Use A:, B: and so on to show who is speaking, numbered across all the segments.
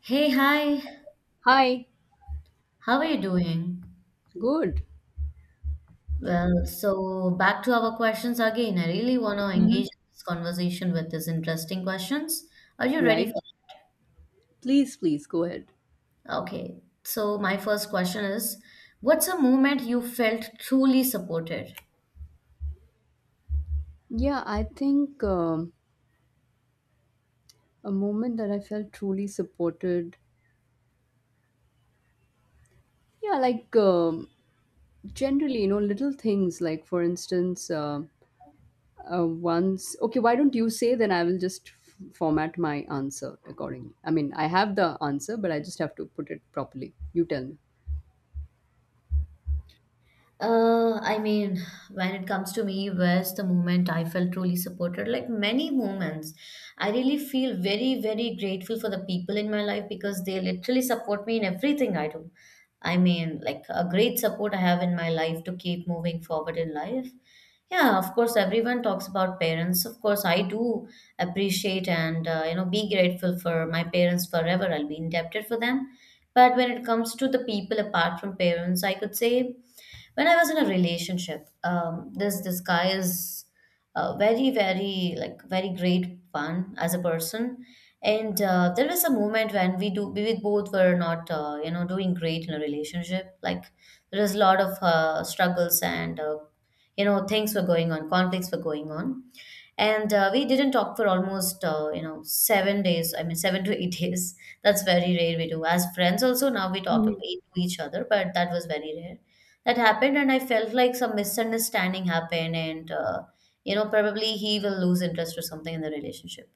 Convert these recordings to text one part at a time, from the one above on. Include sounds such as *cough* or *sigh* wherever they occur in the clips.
A: Hey, hi,
B: Hi.
A: how are you doing?
B: Good.
A: Well, so back to our questions again. I really want to engage
B: Mm-hmm.
A: in this conversation with these interesting questions. Are you ready
B: Right?
A: for
B: Please, please go ahead.
A: that? Okay, so my first question is, what's a moment you felt truly supported?
B: Yeah, I think a moment that I felt truly supported. Yeah, like generally, you know, little things like, for instance, once, okay, why don't you say, then I will just format my answer accordingly. I mean, I have the answer, but I just have to put it properly. You tell me.
A: I mean, when it comes to me, where's the moment I felt truly supported? Like many moments, I really feel very, very grateful for the people in my life because they literally support me in everything I do. I mean, like a great support I have in my life to keep moving forward in life. Yeah, of course, everyone talks about parents. Of course, I do appreciate and you know be grateful for my parents forever. I'll be indebted for them. But when it comes to the people apart from parents, I could say when I was in a relationship, this guy is very very like very great fun as a person, and there was a moment when we do we both were not you know doing great in a relationship. Like there was a lot of struggles and you know things were going on, conflicts were going on and we didn't talk for almost you know 7 days, I mean 7 to 8 *laughs* days. That's very rare we do, as friends also now we talk to each other, but that was very rare that happened. And I felt like some misunderstanding happened and you know probably he will lose interest or something in the relationship.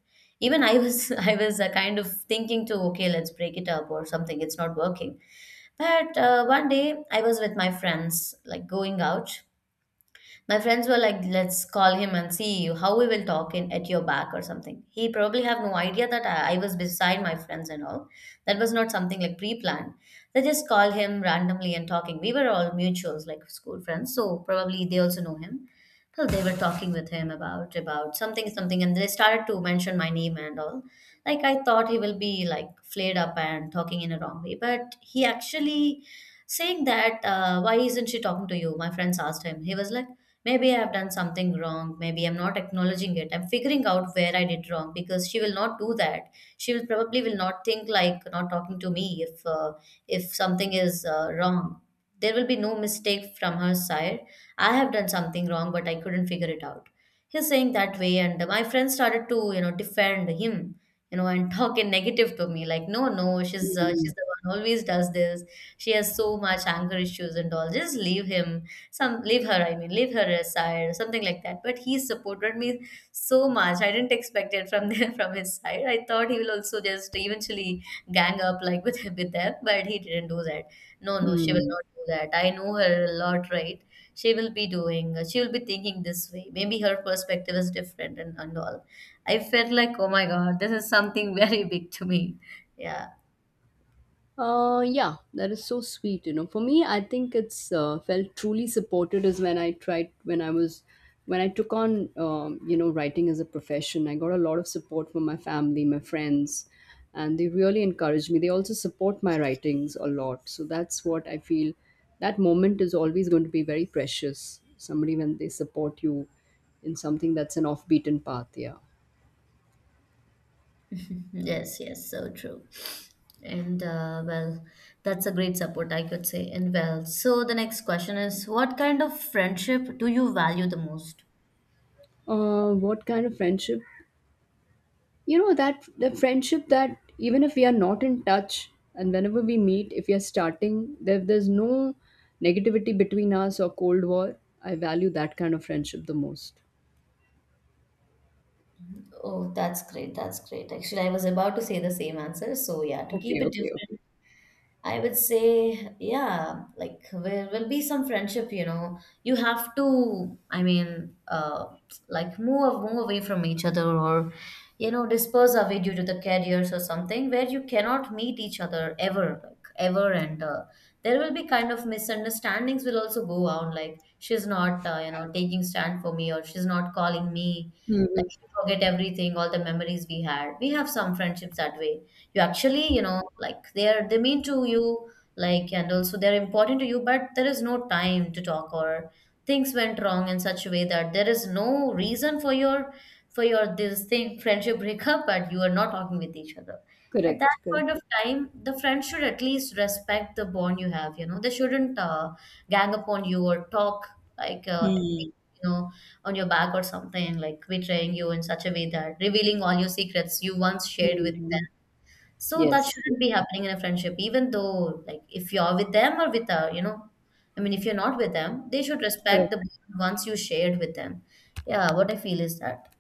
A: Even I was *laughs* I was kind of thinking to, okay, let's break it up or something, it's not working. But one day I was with my friends, like going out. My friends were like, let's call him and see how we will talk in at your back or something. He probably have no idea that I was beside my friends and all. That was not something like pre-planned. They just call him randomly and talking. We were all mutuals, like school friends, so probably they also know him. So they were talking with him about something, something, and they started to mention my name and all. Like I thought he will be like flared up and talking in a wrong way, but he actually saying that, why isn't she talking to you? My friends asked him. He was like, maybe I've done something wrong. Maybe I'm not acknowledging it. I'm figuring out where I did wrong, because she will not do that. She will probably will not think like not talking to me if something is wrong. There will be no mistake from her side. I have done something wrong, but I couldn't figure it out. He's saying that way, and my friend started to you know defend him, you know, and *laughs* talk in negative to me like, no, no, she's the one always does this. She has so much anger issues and all. Just leave him, some leave her, I mean leave her aside or something like that. But he supported me so much. I didn't expect it from *laughs* there, from his side. I thought he will also just eventually gang up like with them, but he didn't do that. No, no, she will
B: Hmm.
A: not do that. I know her a lot, right? She will be doing, she will be thinking this way, maybe her perspective is different and all. I felt like, oh my god, this is something *laughs* very big to me. Yeah.
B: Yeah, that is so sweet. You know, for me, I think it's felt truly supported is when I tried when I was when I took on you know, writing as a profession. I got a lot of support from my family, my friends, and they really encouraged me. They also support my writings a lot. So that's what I feel. That moment is always going to be very precious. Somebody when they support you in something that's an off beaten path. Yeah.
A: Yes, yes, so true. And well, that's a great support, I could say. And well, so the next question is, what kind of friendship do you value the most?
B: What kind of friendship, you know, that the friendship that even if we are not in touch, and whenever we meet, if we are starting, there's no negativity between us or cold war, I value that kind of friendship the most.
A: Oh, that's great. That's great. Actually, I was about to say the same answer. So, yeah, to
B: Okay,
A: keep it
B: okay, okay.
A: different. I would say, yeah, like there will be some friendship, you know. You have to, I mean, like move away from each other, or you know, disperse away due to the careers or something, where you cannot meet each other ever, like ever, and there will be kind of misunderstandings will also go on. Like she's not, you know, taking stand for me, or she's not calling me. Like you forget everything, all the memories we had. We have some friendships that way. You actually you know like they are, they mean to you, like, and also they're important to you, but there is no time to talk, or things went wrong in such a way that there is no reason for your this thing *laughs* friendship breakup, but you are not talking with each other. At that
B: Correct, correct.
A: point of time, the friend should at least respect the bond you have, you know. They shouldn't gang upon you or talk like you know on your back or something, like betraying you in such a way that revealing all your secrets you once shared with them. So that
B: Yes, yes.
A: shouldn't be happening in a friendship, even though, like, if you're with them or with a, you know, I mean, if you're not with them, they should respect
B: Correct.
A: the bond once you shared with them. Yeah, what I feel is that.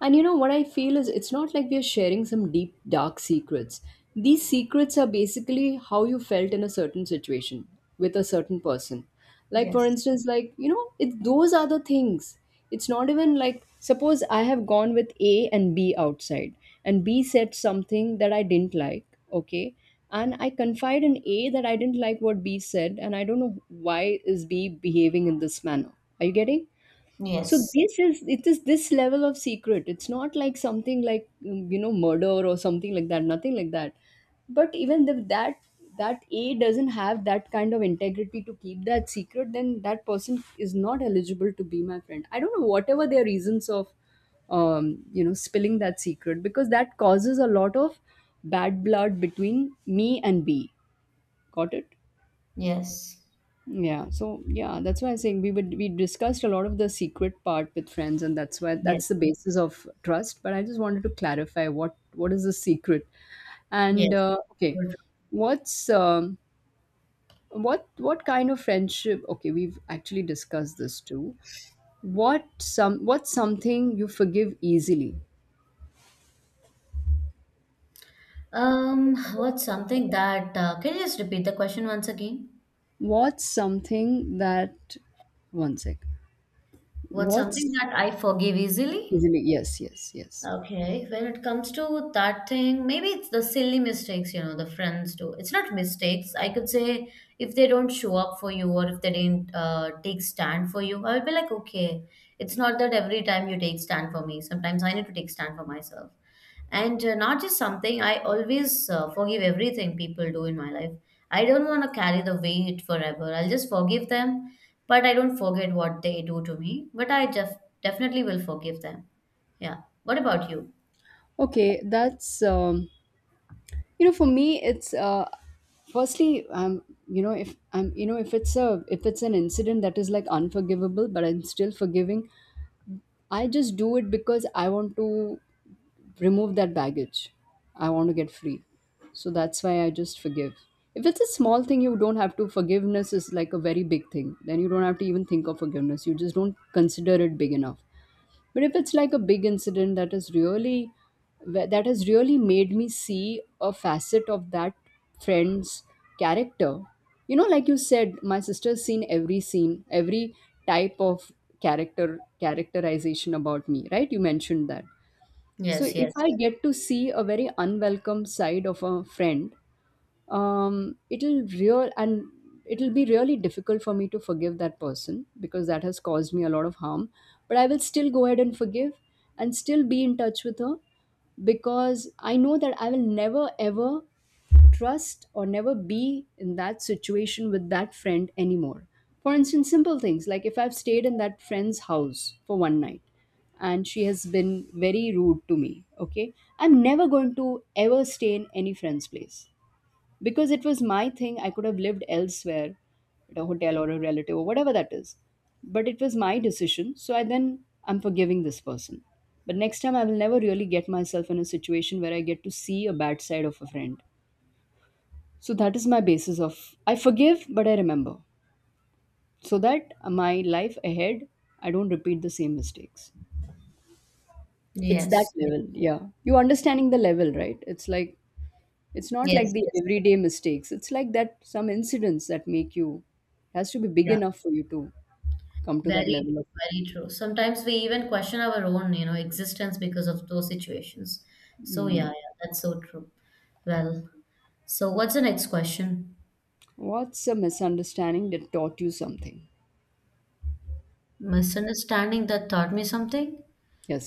B: And you know what I feel is, it's not like we are sharing some deep, dark secrets. These secrets are basically how you felt in a certain situation with a certain person. Like, for
A: Yes.
B: instance, like, you know, those are the things. It's not even like, suppose I have gone with A and B outside, and B said something that I didn't like, okay? And I confide in A that I didn't like what B said, and I don't know why is B behaving in this manner. Are you getting? So
A: Yes.
B: this is it is this level of secret. It's not like something like you know, murder or something like that. Nothing like that. But even if that A doesn't have that kind of integrity to keep that secret, then that person is not eligible to be my friend. I don't know whatever their reasons of you know, spilling that secret, because that causes a lot of bad blood between me and B. Got it?
A: Yes.
B: Yeah, so yeah, that's why I'm saying we discussed a lot of the secret part with friends, and that's why that's
A: Yes.
B: the basis of trust. But I just wanted to clarify what is the secret, and
A: Yes.
B: okay.
A: So true.
B: What's um, what what kind of friendship? Okay, we've actually discussed this too. What's something you forgive easily?
A: What's something that, can you just repeat the question once again?
B: What's something that, one sec?
A: What's something
B: What's
A: that I forgive easily?
B: easily? Yes, yes, yes.
A: Okay, when it comes to that thing, maybe it's the silly mistakes, you know, the friends do. It's not mistakes, I could say. If they don't show up for you or if they didn't take stand for you, I would be like, okay, it's not that every time you take stand for me. Sometimes I need to take stand for myself. And not just something, I always forgive everything people do in my life. I don't want to carry the weight forever. I'll just forgive them, but I don't forget what they do to me. But I definitely will forgive them. Yeah. What about you?
B: Okay, that's you know, for me it's firstly, you know, if it's a, if it's an incident that is like unforgivable, but I'm still forgiving. I just do it because I want to remove that baggage. I want to get free. So that's why I just forgive. If it's a small thing, you don't have to. Forgiveness is like a very big thing, then you don't have to even think of forgiveness, you just don't consider it big enough. But if it's like a big incident that is really that has really made me see a facet of that friend's character. You know, like you said, my sister's seen every scene, every type of character characterization about me, right? You mentioned that. So
A: Yes,
B: if
A: yes.
B: I get to see a very unwelcome side of a friend, um it'll real and it'll be really difficult for me to forgive that person, because that has caused me a lot of harm. But I will still go ahead and forgive, and still be in touch with her, because I know that I will never ever trust or never be in that situation with that friend anymore. For instance, simple things like if I've stayed in that friend's house for one night and she has been very rude to me, okay, I'm never going to ever stay in any friend's place, because it was my thing, I could have lived elsewhere, at a hotel or a relative or whatever that is. But it was my decision. So I, then I'm forgiving this person, but next time I will never really get myself in a situation where I get to see a bad side of a friend. So that is my basis of: I forgive but I remember, so that my life ahead, I don't repeat the same mistakes. It's that
A: Yes, yes,
B: level, yeah. You understanding the level, right? It's like, it's not like
A: yes,
B: the
A: yes.
B: everyday mistakes. It's like that some incidents that make you, has to be big
A: Yeah.
B: enough for you to come to that
A: Very
B: level
A: true,
B: of.
A: very true. Sometimes we even question our own, you know, existence because of those situations. So yeah, yeah,
B: Mm.
A: that's so true. Well, so what's the next question?
B: What's a misunderstanding that taught you something?
A: Misunderstanding that taught me something?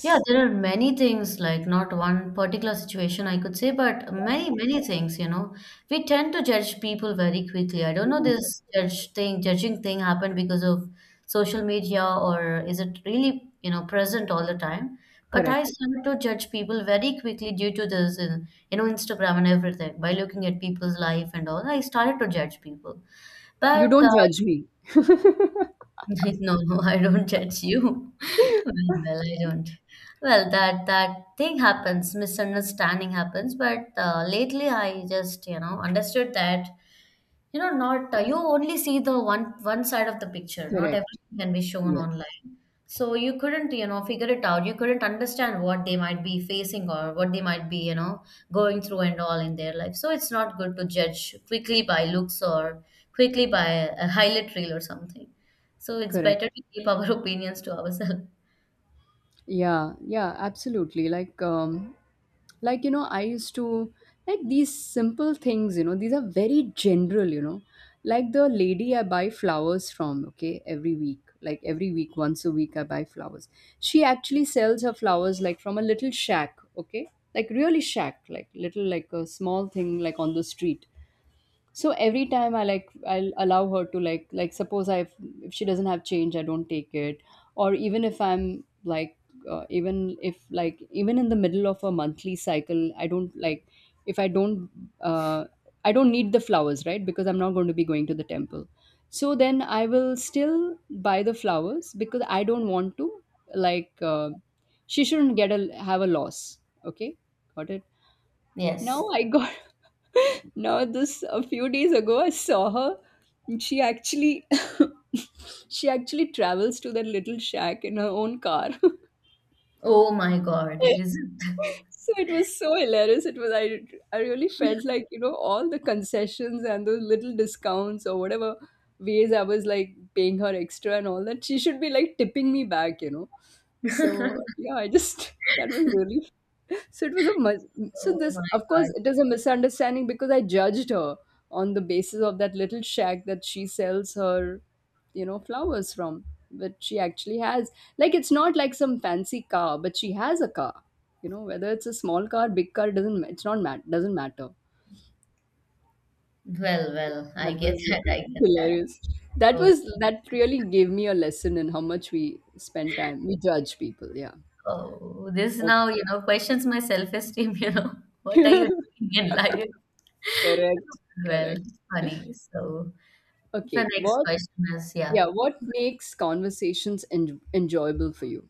A: Yeah, there are many things, like not one particular situation I could say, but many, many things, you know. We tend to judge people very quickly. I don't know
B: Mm.
A: this judging thing happened because of social media, or is it really, you know, present all the time? But I
B: Correct.
A: started to judge people very quickly due to this, in, you know, Instagram and everything. By looking at people's life and all, I started to judge people.
B: You
A: But
B: don't judge me.
A: *laughs* no, no, I don't judge you. *laughs* Well, well, I don't. Well, that thing happens, misunderstanding happens. But lately, I just you know understood that you know not you only see the one side of the picture. Not
B: Correct.
A: everything can be shown
B: Yes.
A: online. So you couldn't, you know, figure it out. You couldn't understand what they might be facing or what they might be, you know, going through and all in their life. So it's not good to judge quickly by looks or quickly by a highlight reel or something. So it's
B: Correct.
A: better to keep our *laughs* opinions to ourselves.
B: Yeah, yeah, absolutely. Like, like, you know, I used to, like, these simple things. You know, these are very general. You know, like the lady I buy flowers from. Okay, every week, like every week, once a week, I buy flowers. She actually sells her flowers like from a little shack. Okay, like really shack, like little, like a small thing, like on the street. So every time I, like, I'll allow her to, like suppose I, if she doesn't have change, I don't take it. Or even if I'm, like, even if, like, even in the middle of a monthly cycle, I don't, like, if I don't uh, I don't need the flowers, right, because I'm not going to be going to the temple. So then I will still buy the flowers, because I don't want to, like, she shouldn't get a have a loss. Okay? Got it?
A: Yes.
B: Now I got *laughs* Now, this, a few days ago, I saw her, and she actually, *laughs* she actually travels to that little shack in her own car. *laughs*
A: Oh my god, is it?
B: So it was so hilarious. It was I really felt like, you know, all the concessions and those little discounts or whatever ways I was, like, paying her extra and all that, she should be, like, tipping me back, you know. So yeah, I just *laughs* that was really, so it was a so
A: Oh
B: this,
A: my
B: of course,
A: god.
B: it is a misunderstanding because I judged her on the basis of that little shack that she sells her, you know, flowers from. But she actually has, like, it's not like some fancy car, but she has a car. You know, whether it's a small car, big car, doesn't ma- it's not mat doesn't matter.
A: Well, well, I
B: That
A: get
B: was
A: that. I get that.
B: hilarious. That
A: Oh,
B: was that really gave me a lesson in how much we spend time. We judge people. Yeah.
A: oh, this now,
B: Okay.
A: you know, questions my self-esteem, *laughs* you know. What are you
B: *laughs*
A: doing in life?
B: Correct.
A: Well,
B: Correct.
A: it's funny. So the
B: Okay.
A: next
B: What?
A: question is, yeah,
B: Yeah. What makes conversations enjoyable for you?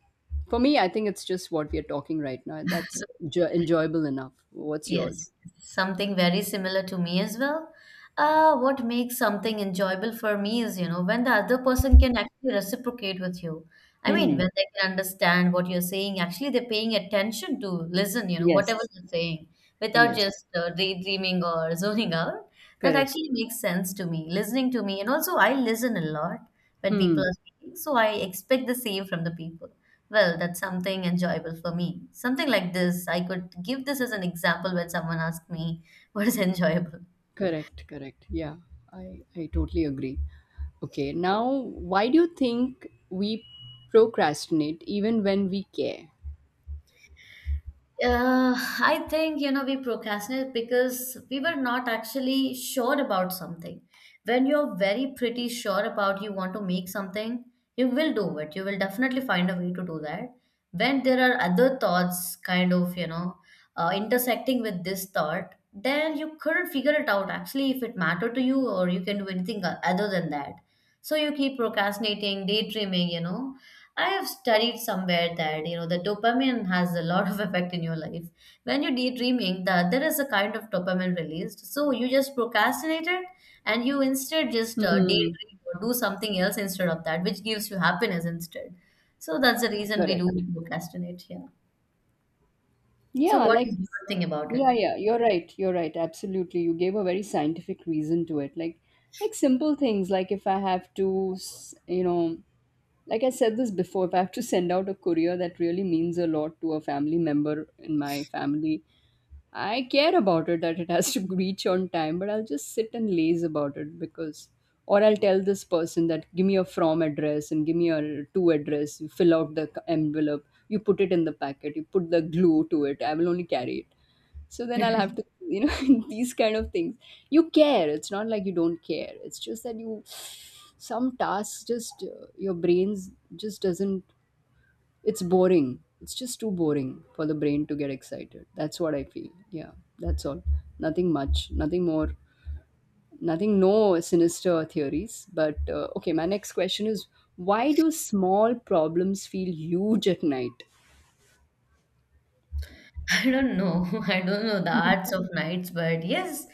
B: For me, I think it's just what we are talking right now. That's enjoyable enough. What's
A: yes,
B: yours?
A: something very similar to me as well. What makes something enjoyable for me is, you know, when the other person can actually reciprocate with you. I mean,
B: Hmm.
A: when they can understand what you're saying, actually they're paying attention to listen, you know, whatever
B: Yes.
A: you're saying, without
B: Yes.
A: just daydreaming or *laughs* zoning out. That
B: Correct.
A: actually makes sense to me, listening to me. And also, I listen a lot when people
B: Hmm.
A: are speaking, so I expect the same from the people. Well, that's something enjoyable for me. Something like this, I could give this as an example when someone asks me *laughs* what is enjoyable.
B: Correct. Correct. Yeah. I totally agree. Okay, now, why do you think we procrastinate even when we care?
A: Uh, I think, you know, we procrastinate because we were not actually sure about something. When you're very pretty sure about you want to make something, you will do it. You will definitely find a way to do that. When there are other thoughts kind of, you know, intersecting with this thought, then you couldn't figure it out actually if it mattered to you or you can do anything other than that. So you keep procrastinating, daydreaming, you know. I have studied somewhere that, the dopamine has a lot of *laughs* effect in your life. When you're daydreaming, there is a kind of dopamine released. So you just procrastinate it, and you instead just
B: Hmm.
A: daydream or do something else instead of that, which gives you happiness instead. So that's the reason we do
B: Correct.
A: procrastinate here. So
B: Yeah,
A: what
B: like,
A: is your thing about
B: yeah,
A: it?
B: yeah, you're right, absolutely. You gave a very scientific reason to it. Like, simple things, like if I have to, you know, like I said this before, if I have to send out a courier that really means a lot to a family member in my family, I care about it that it has to *laughs* reach on time, but I'll just sit and laze about it because, or I'll tell this person that give me a from address and give me a to address. You fill out the envelope, you put it in the packet, you put the glue to it. I will only carry it. So then
A: *laughs*
B: I'll have to, you know, *laughs* these kind of things. You care. It's not like you don't care. It's just that you, *sighs* some tasks just, your brains just doesn't, it's boring. It's just too boring for the brain to get excited. That's what I feel. Yeah, that's all. Nothing much, nothing more, nothing, no sinister theories. But okay, my next question is: why do small problems feel huge at night? *laughs*
A: *laughs* I don't know. *laughs* I don't know the arts of nights, but yes,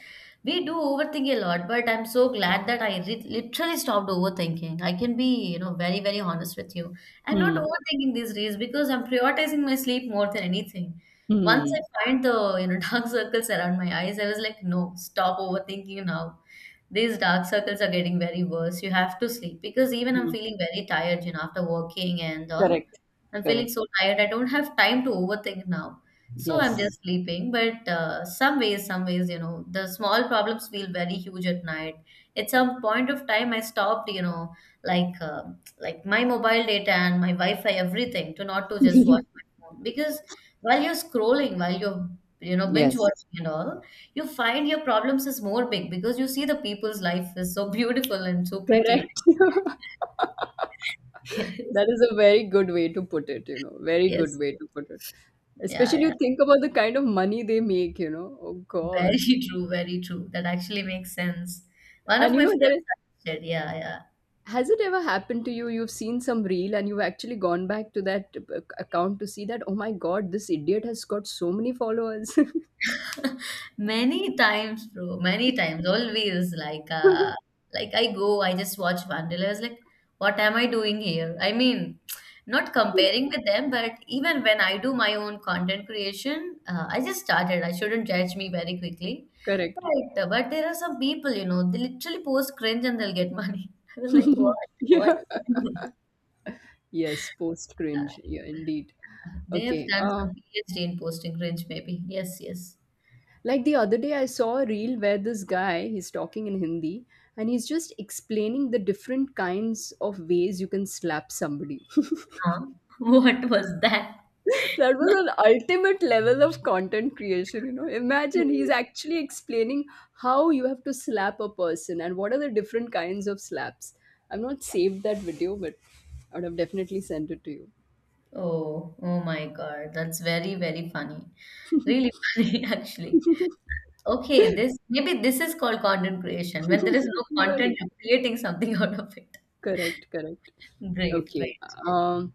A: we do overthink a lot. But I'm so glad that literally stopped overthinking. I can be, very, very honest with you. I'm not
B: Mhm.
A: overthinking these days because I'm prioritizing my sleep more than anything.
B: Hmm.
A: Once
B: Hmm.
A: I find *laughs* dark circles around my eyes, I was like, no, stop overthinking now. These dark circles are getting very worse. You have to sleep because even I'm
B: Hmm.
A: feeling very tired, you know, after working and all.
B: Correct.
A: I'm feeling
B: Correct.
A: so tired. I don't have time to overthink now. So I'm
B: Yes.
A: just sleeping. But some ways, you know, the small problems feel very huge at night. At some point of time, I stopped, you know, like uh, like my mobile data and my Wi-Fi, everything, to not to just watch
B: *laughs*
A: my phone because while you're scrolling, while you're, you know, binge
B: Yes.
A: watching and all, you find your problems is more big because you see the people's life is so *laughs* beautiful and so pretty,
B: Correct. *laughs*
A: right?
B: That is a very good way to put it, you know.
A: *laughs*
B: Very good
A: Yes.
B: way to put it.
A: Yeah,
B: Especially
A: yeah.
B: you think about the kind of money they make, you know. Oh God.
A: Very true, very true. That actually makes sense. One of
B: And you
A: my
B: know,
A: friends
B: there
A: said, yeah, yeah.
B: has it ever happened to you? You've seen some reel and you've actually gone back to that account to see that, oh my God, this idiot has got so many followers.
A: Many times, bro, many times, always like,
B: *laughs*
A: like I go, I just watch Vanderlei. I was like, what am I doing here? I mean, not comparing with them, but even when I do my own content creation, I just started. I shouldn't judge me very quickly.
B: Correct.
A: But there are some people, you know, they literally post cringe and they'll get money. *laughs* I was like, what?
B: *laughs*
A: What?
B: Yeah.
A: *laughs*
B: Yes, post cringe. Yeah, indeed.
A: They have
B: Okay.
A: done some PhD in posting cringe, maybe. Yes, yes.
B: Like the other day, I saw a reel where this guy, he's talking in Hindi, and he's just explaining the different kinds of ways you can slap somebody. *laughs*
A: Huh? *laughs* What was that?
B: That
A: *laughs*
B: was an ultimate level of content creation, you know. Imagine he's actually explaining how you have to slap a person, and what are the different kinds of slaps. I've not saved that video, but I would have definitely sent it to you.
A: Oh, oh my God. That's very, very funny. Really *laughs* funny, actually. Okay, this maybe this is called content creation. When there
B: *laughs*
A: is no content,
B: Really?
A: you're creating something *laughs* out of it.
B: Correct, correct.
A: Great,
B: Okay.
A: great.
B: Um,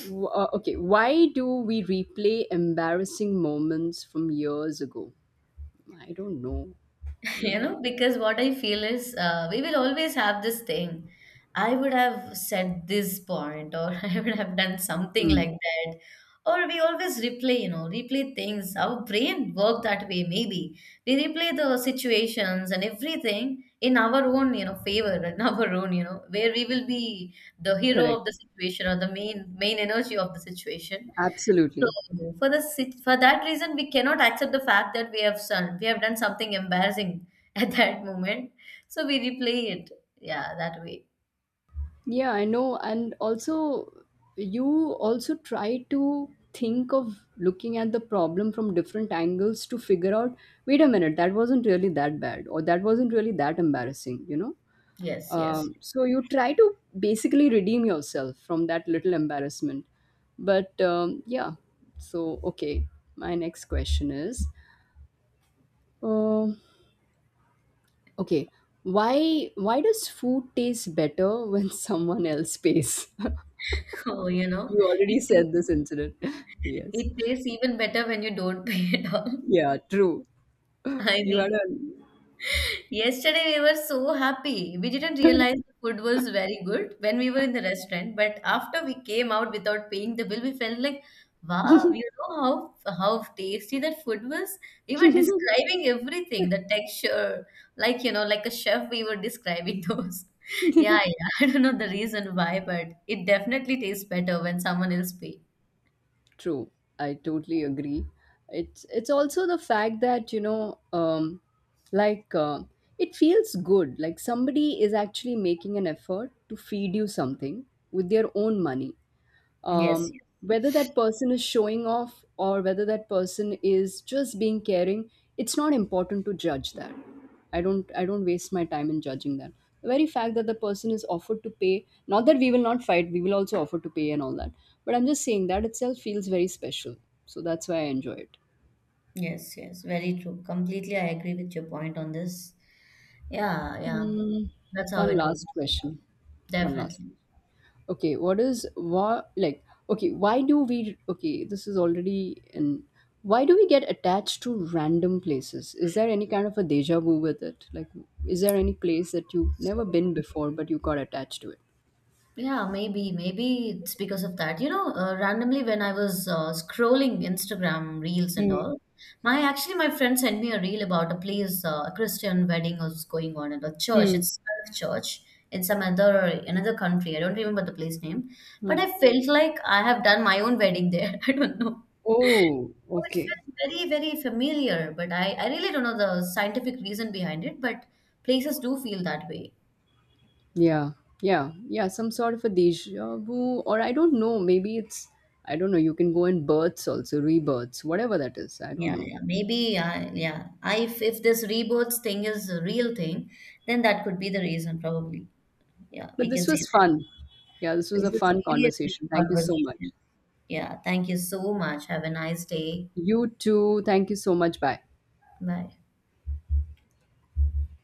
B: Okay, why do we replay embarrassing moments from years ago? I don't know. I
A: *laughs* You
B: don't know.
A: know, because what I feel is, we will always have this thing. I would have said this point, or *laughs* I would have done something
B: Hmm.
A: like that, or we always replay, you know, replay things. Our brain work that way, maybe. We replay the situations and everything in our own, you know, favor, *laughs* in our own, you know, where we will be the hero
B: Correct.
A: of the situation or the main energy of the situation.
B: Absolutely.
A: So for that reason, we cannot accept the fact that we have done something embarrassing *laughs* at that moment. So we replay it. Yeah, that way.
B: Yeah, I know. And also, you also try to think of looking at the problem from different angles to figure out, wait a minute, that wasn't really that bad, or that wasn't really that embarrassing, you know?
A: Yes, yes.
B: Um,
A: *laughs*
B: so you try to basically redeem yourself from that little embarrassment. But yeah, so okay, my next question is, um okay, why does food taste better when *laughs* someone else pays? *laughs*
A: Oh, you know,
B: You
A: it
B: already said this incident. *laughs* Yes.
A: it tastes even better when you don't *laughs* pay at all.
B: Yeah, true.
A: I
B: You had
A: mean, yesterday we were so happy. We didn't realize the food was very good when we were in the restaurant, but after we came out without paying the bill, we felt like, wow, you know how tasty that food was. We
B: a
A: were describing everything, the texture, like, you know, like a chef, we were describing those. *laughs* Yeah,
B: *laughs*
A: yeah. *laughs* I don't know the reason why, but it definitely tastes better when someone else pay.
B: True, I totally agree. It's also the fact that, you know, like, it feels good. Like somebody is actually making an effort to feed you something with their own money,
A: Yes,
B: um,
A: yes,
B: whether that person is showing off or whether that person is just being caring, it's not important to judge that. I don't waste my time in judging that. The very fact that the person is offered to pay, not that we will not fight, we will also offer to pay and all that, but I'm just saying that itself feels very special. So that's why I enjoy it.
A: yes, yes. Very true. Completely, I agree with your point on this. Yeah, yeah.
B: Hmm.
A: That's how
B: One
A: it works.
B: last question. One last
A: Definitely.
B: Okay. what is what Like, okay, why do we okay, this is already an why do we get attached to random places? Is there any kind of a deja vu with it, like, is there any place that you've
A: So
B: never been
A: true.
B: before but you got attached to it?
A: Yeah, maybe, maybe it's because of that. You know, randomly when I was, scrolling Instagram reels and
B: Hmm.
A: all, my actually my friend sent me a reel about a place, a Christian wedding was going on at a church.
B: Hmm.
A: It's a church in some other another country. I don't remember the place name, but
B: Hmm.
A: I felt like I have done my own wedding there. *laughs* I don't know.
B: Oh,
A: So it
B: okay.
A: felt very, very familiar, but I really don't know the scientific reason behind it, but places do feel that way.
B: Yeah, yeah, yeah, some sort of a deja vu, or I don't know, maybe it's, I don't know, you can go in births also rebirths, whatever that is, I don't
A: Yeah,
B: know.
A: yeah. Maybe, yeah. If this rebirth thing is a real thing, then that could be the reason, probably. Yeah,
B: But
A: we can
B: this
A: say
B: was
A: that.
B: fun. Yeah, this was a
A: This is
B: fun
A: really a great
B: conversation. Thank you so much.
A: conversation. Yeah, thank you so much. Have a nice day.
B: You too. Thank you so much. Bye.
A: Bye.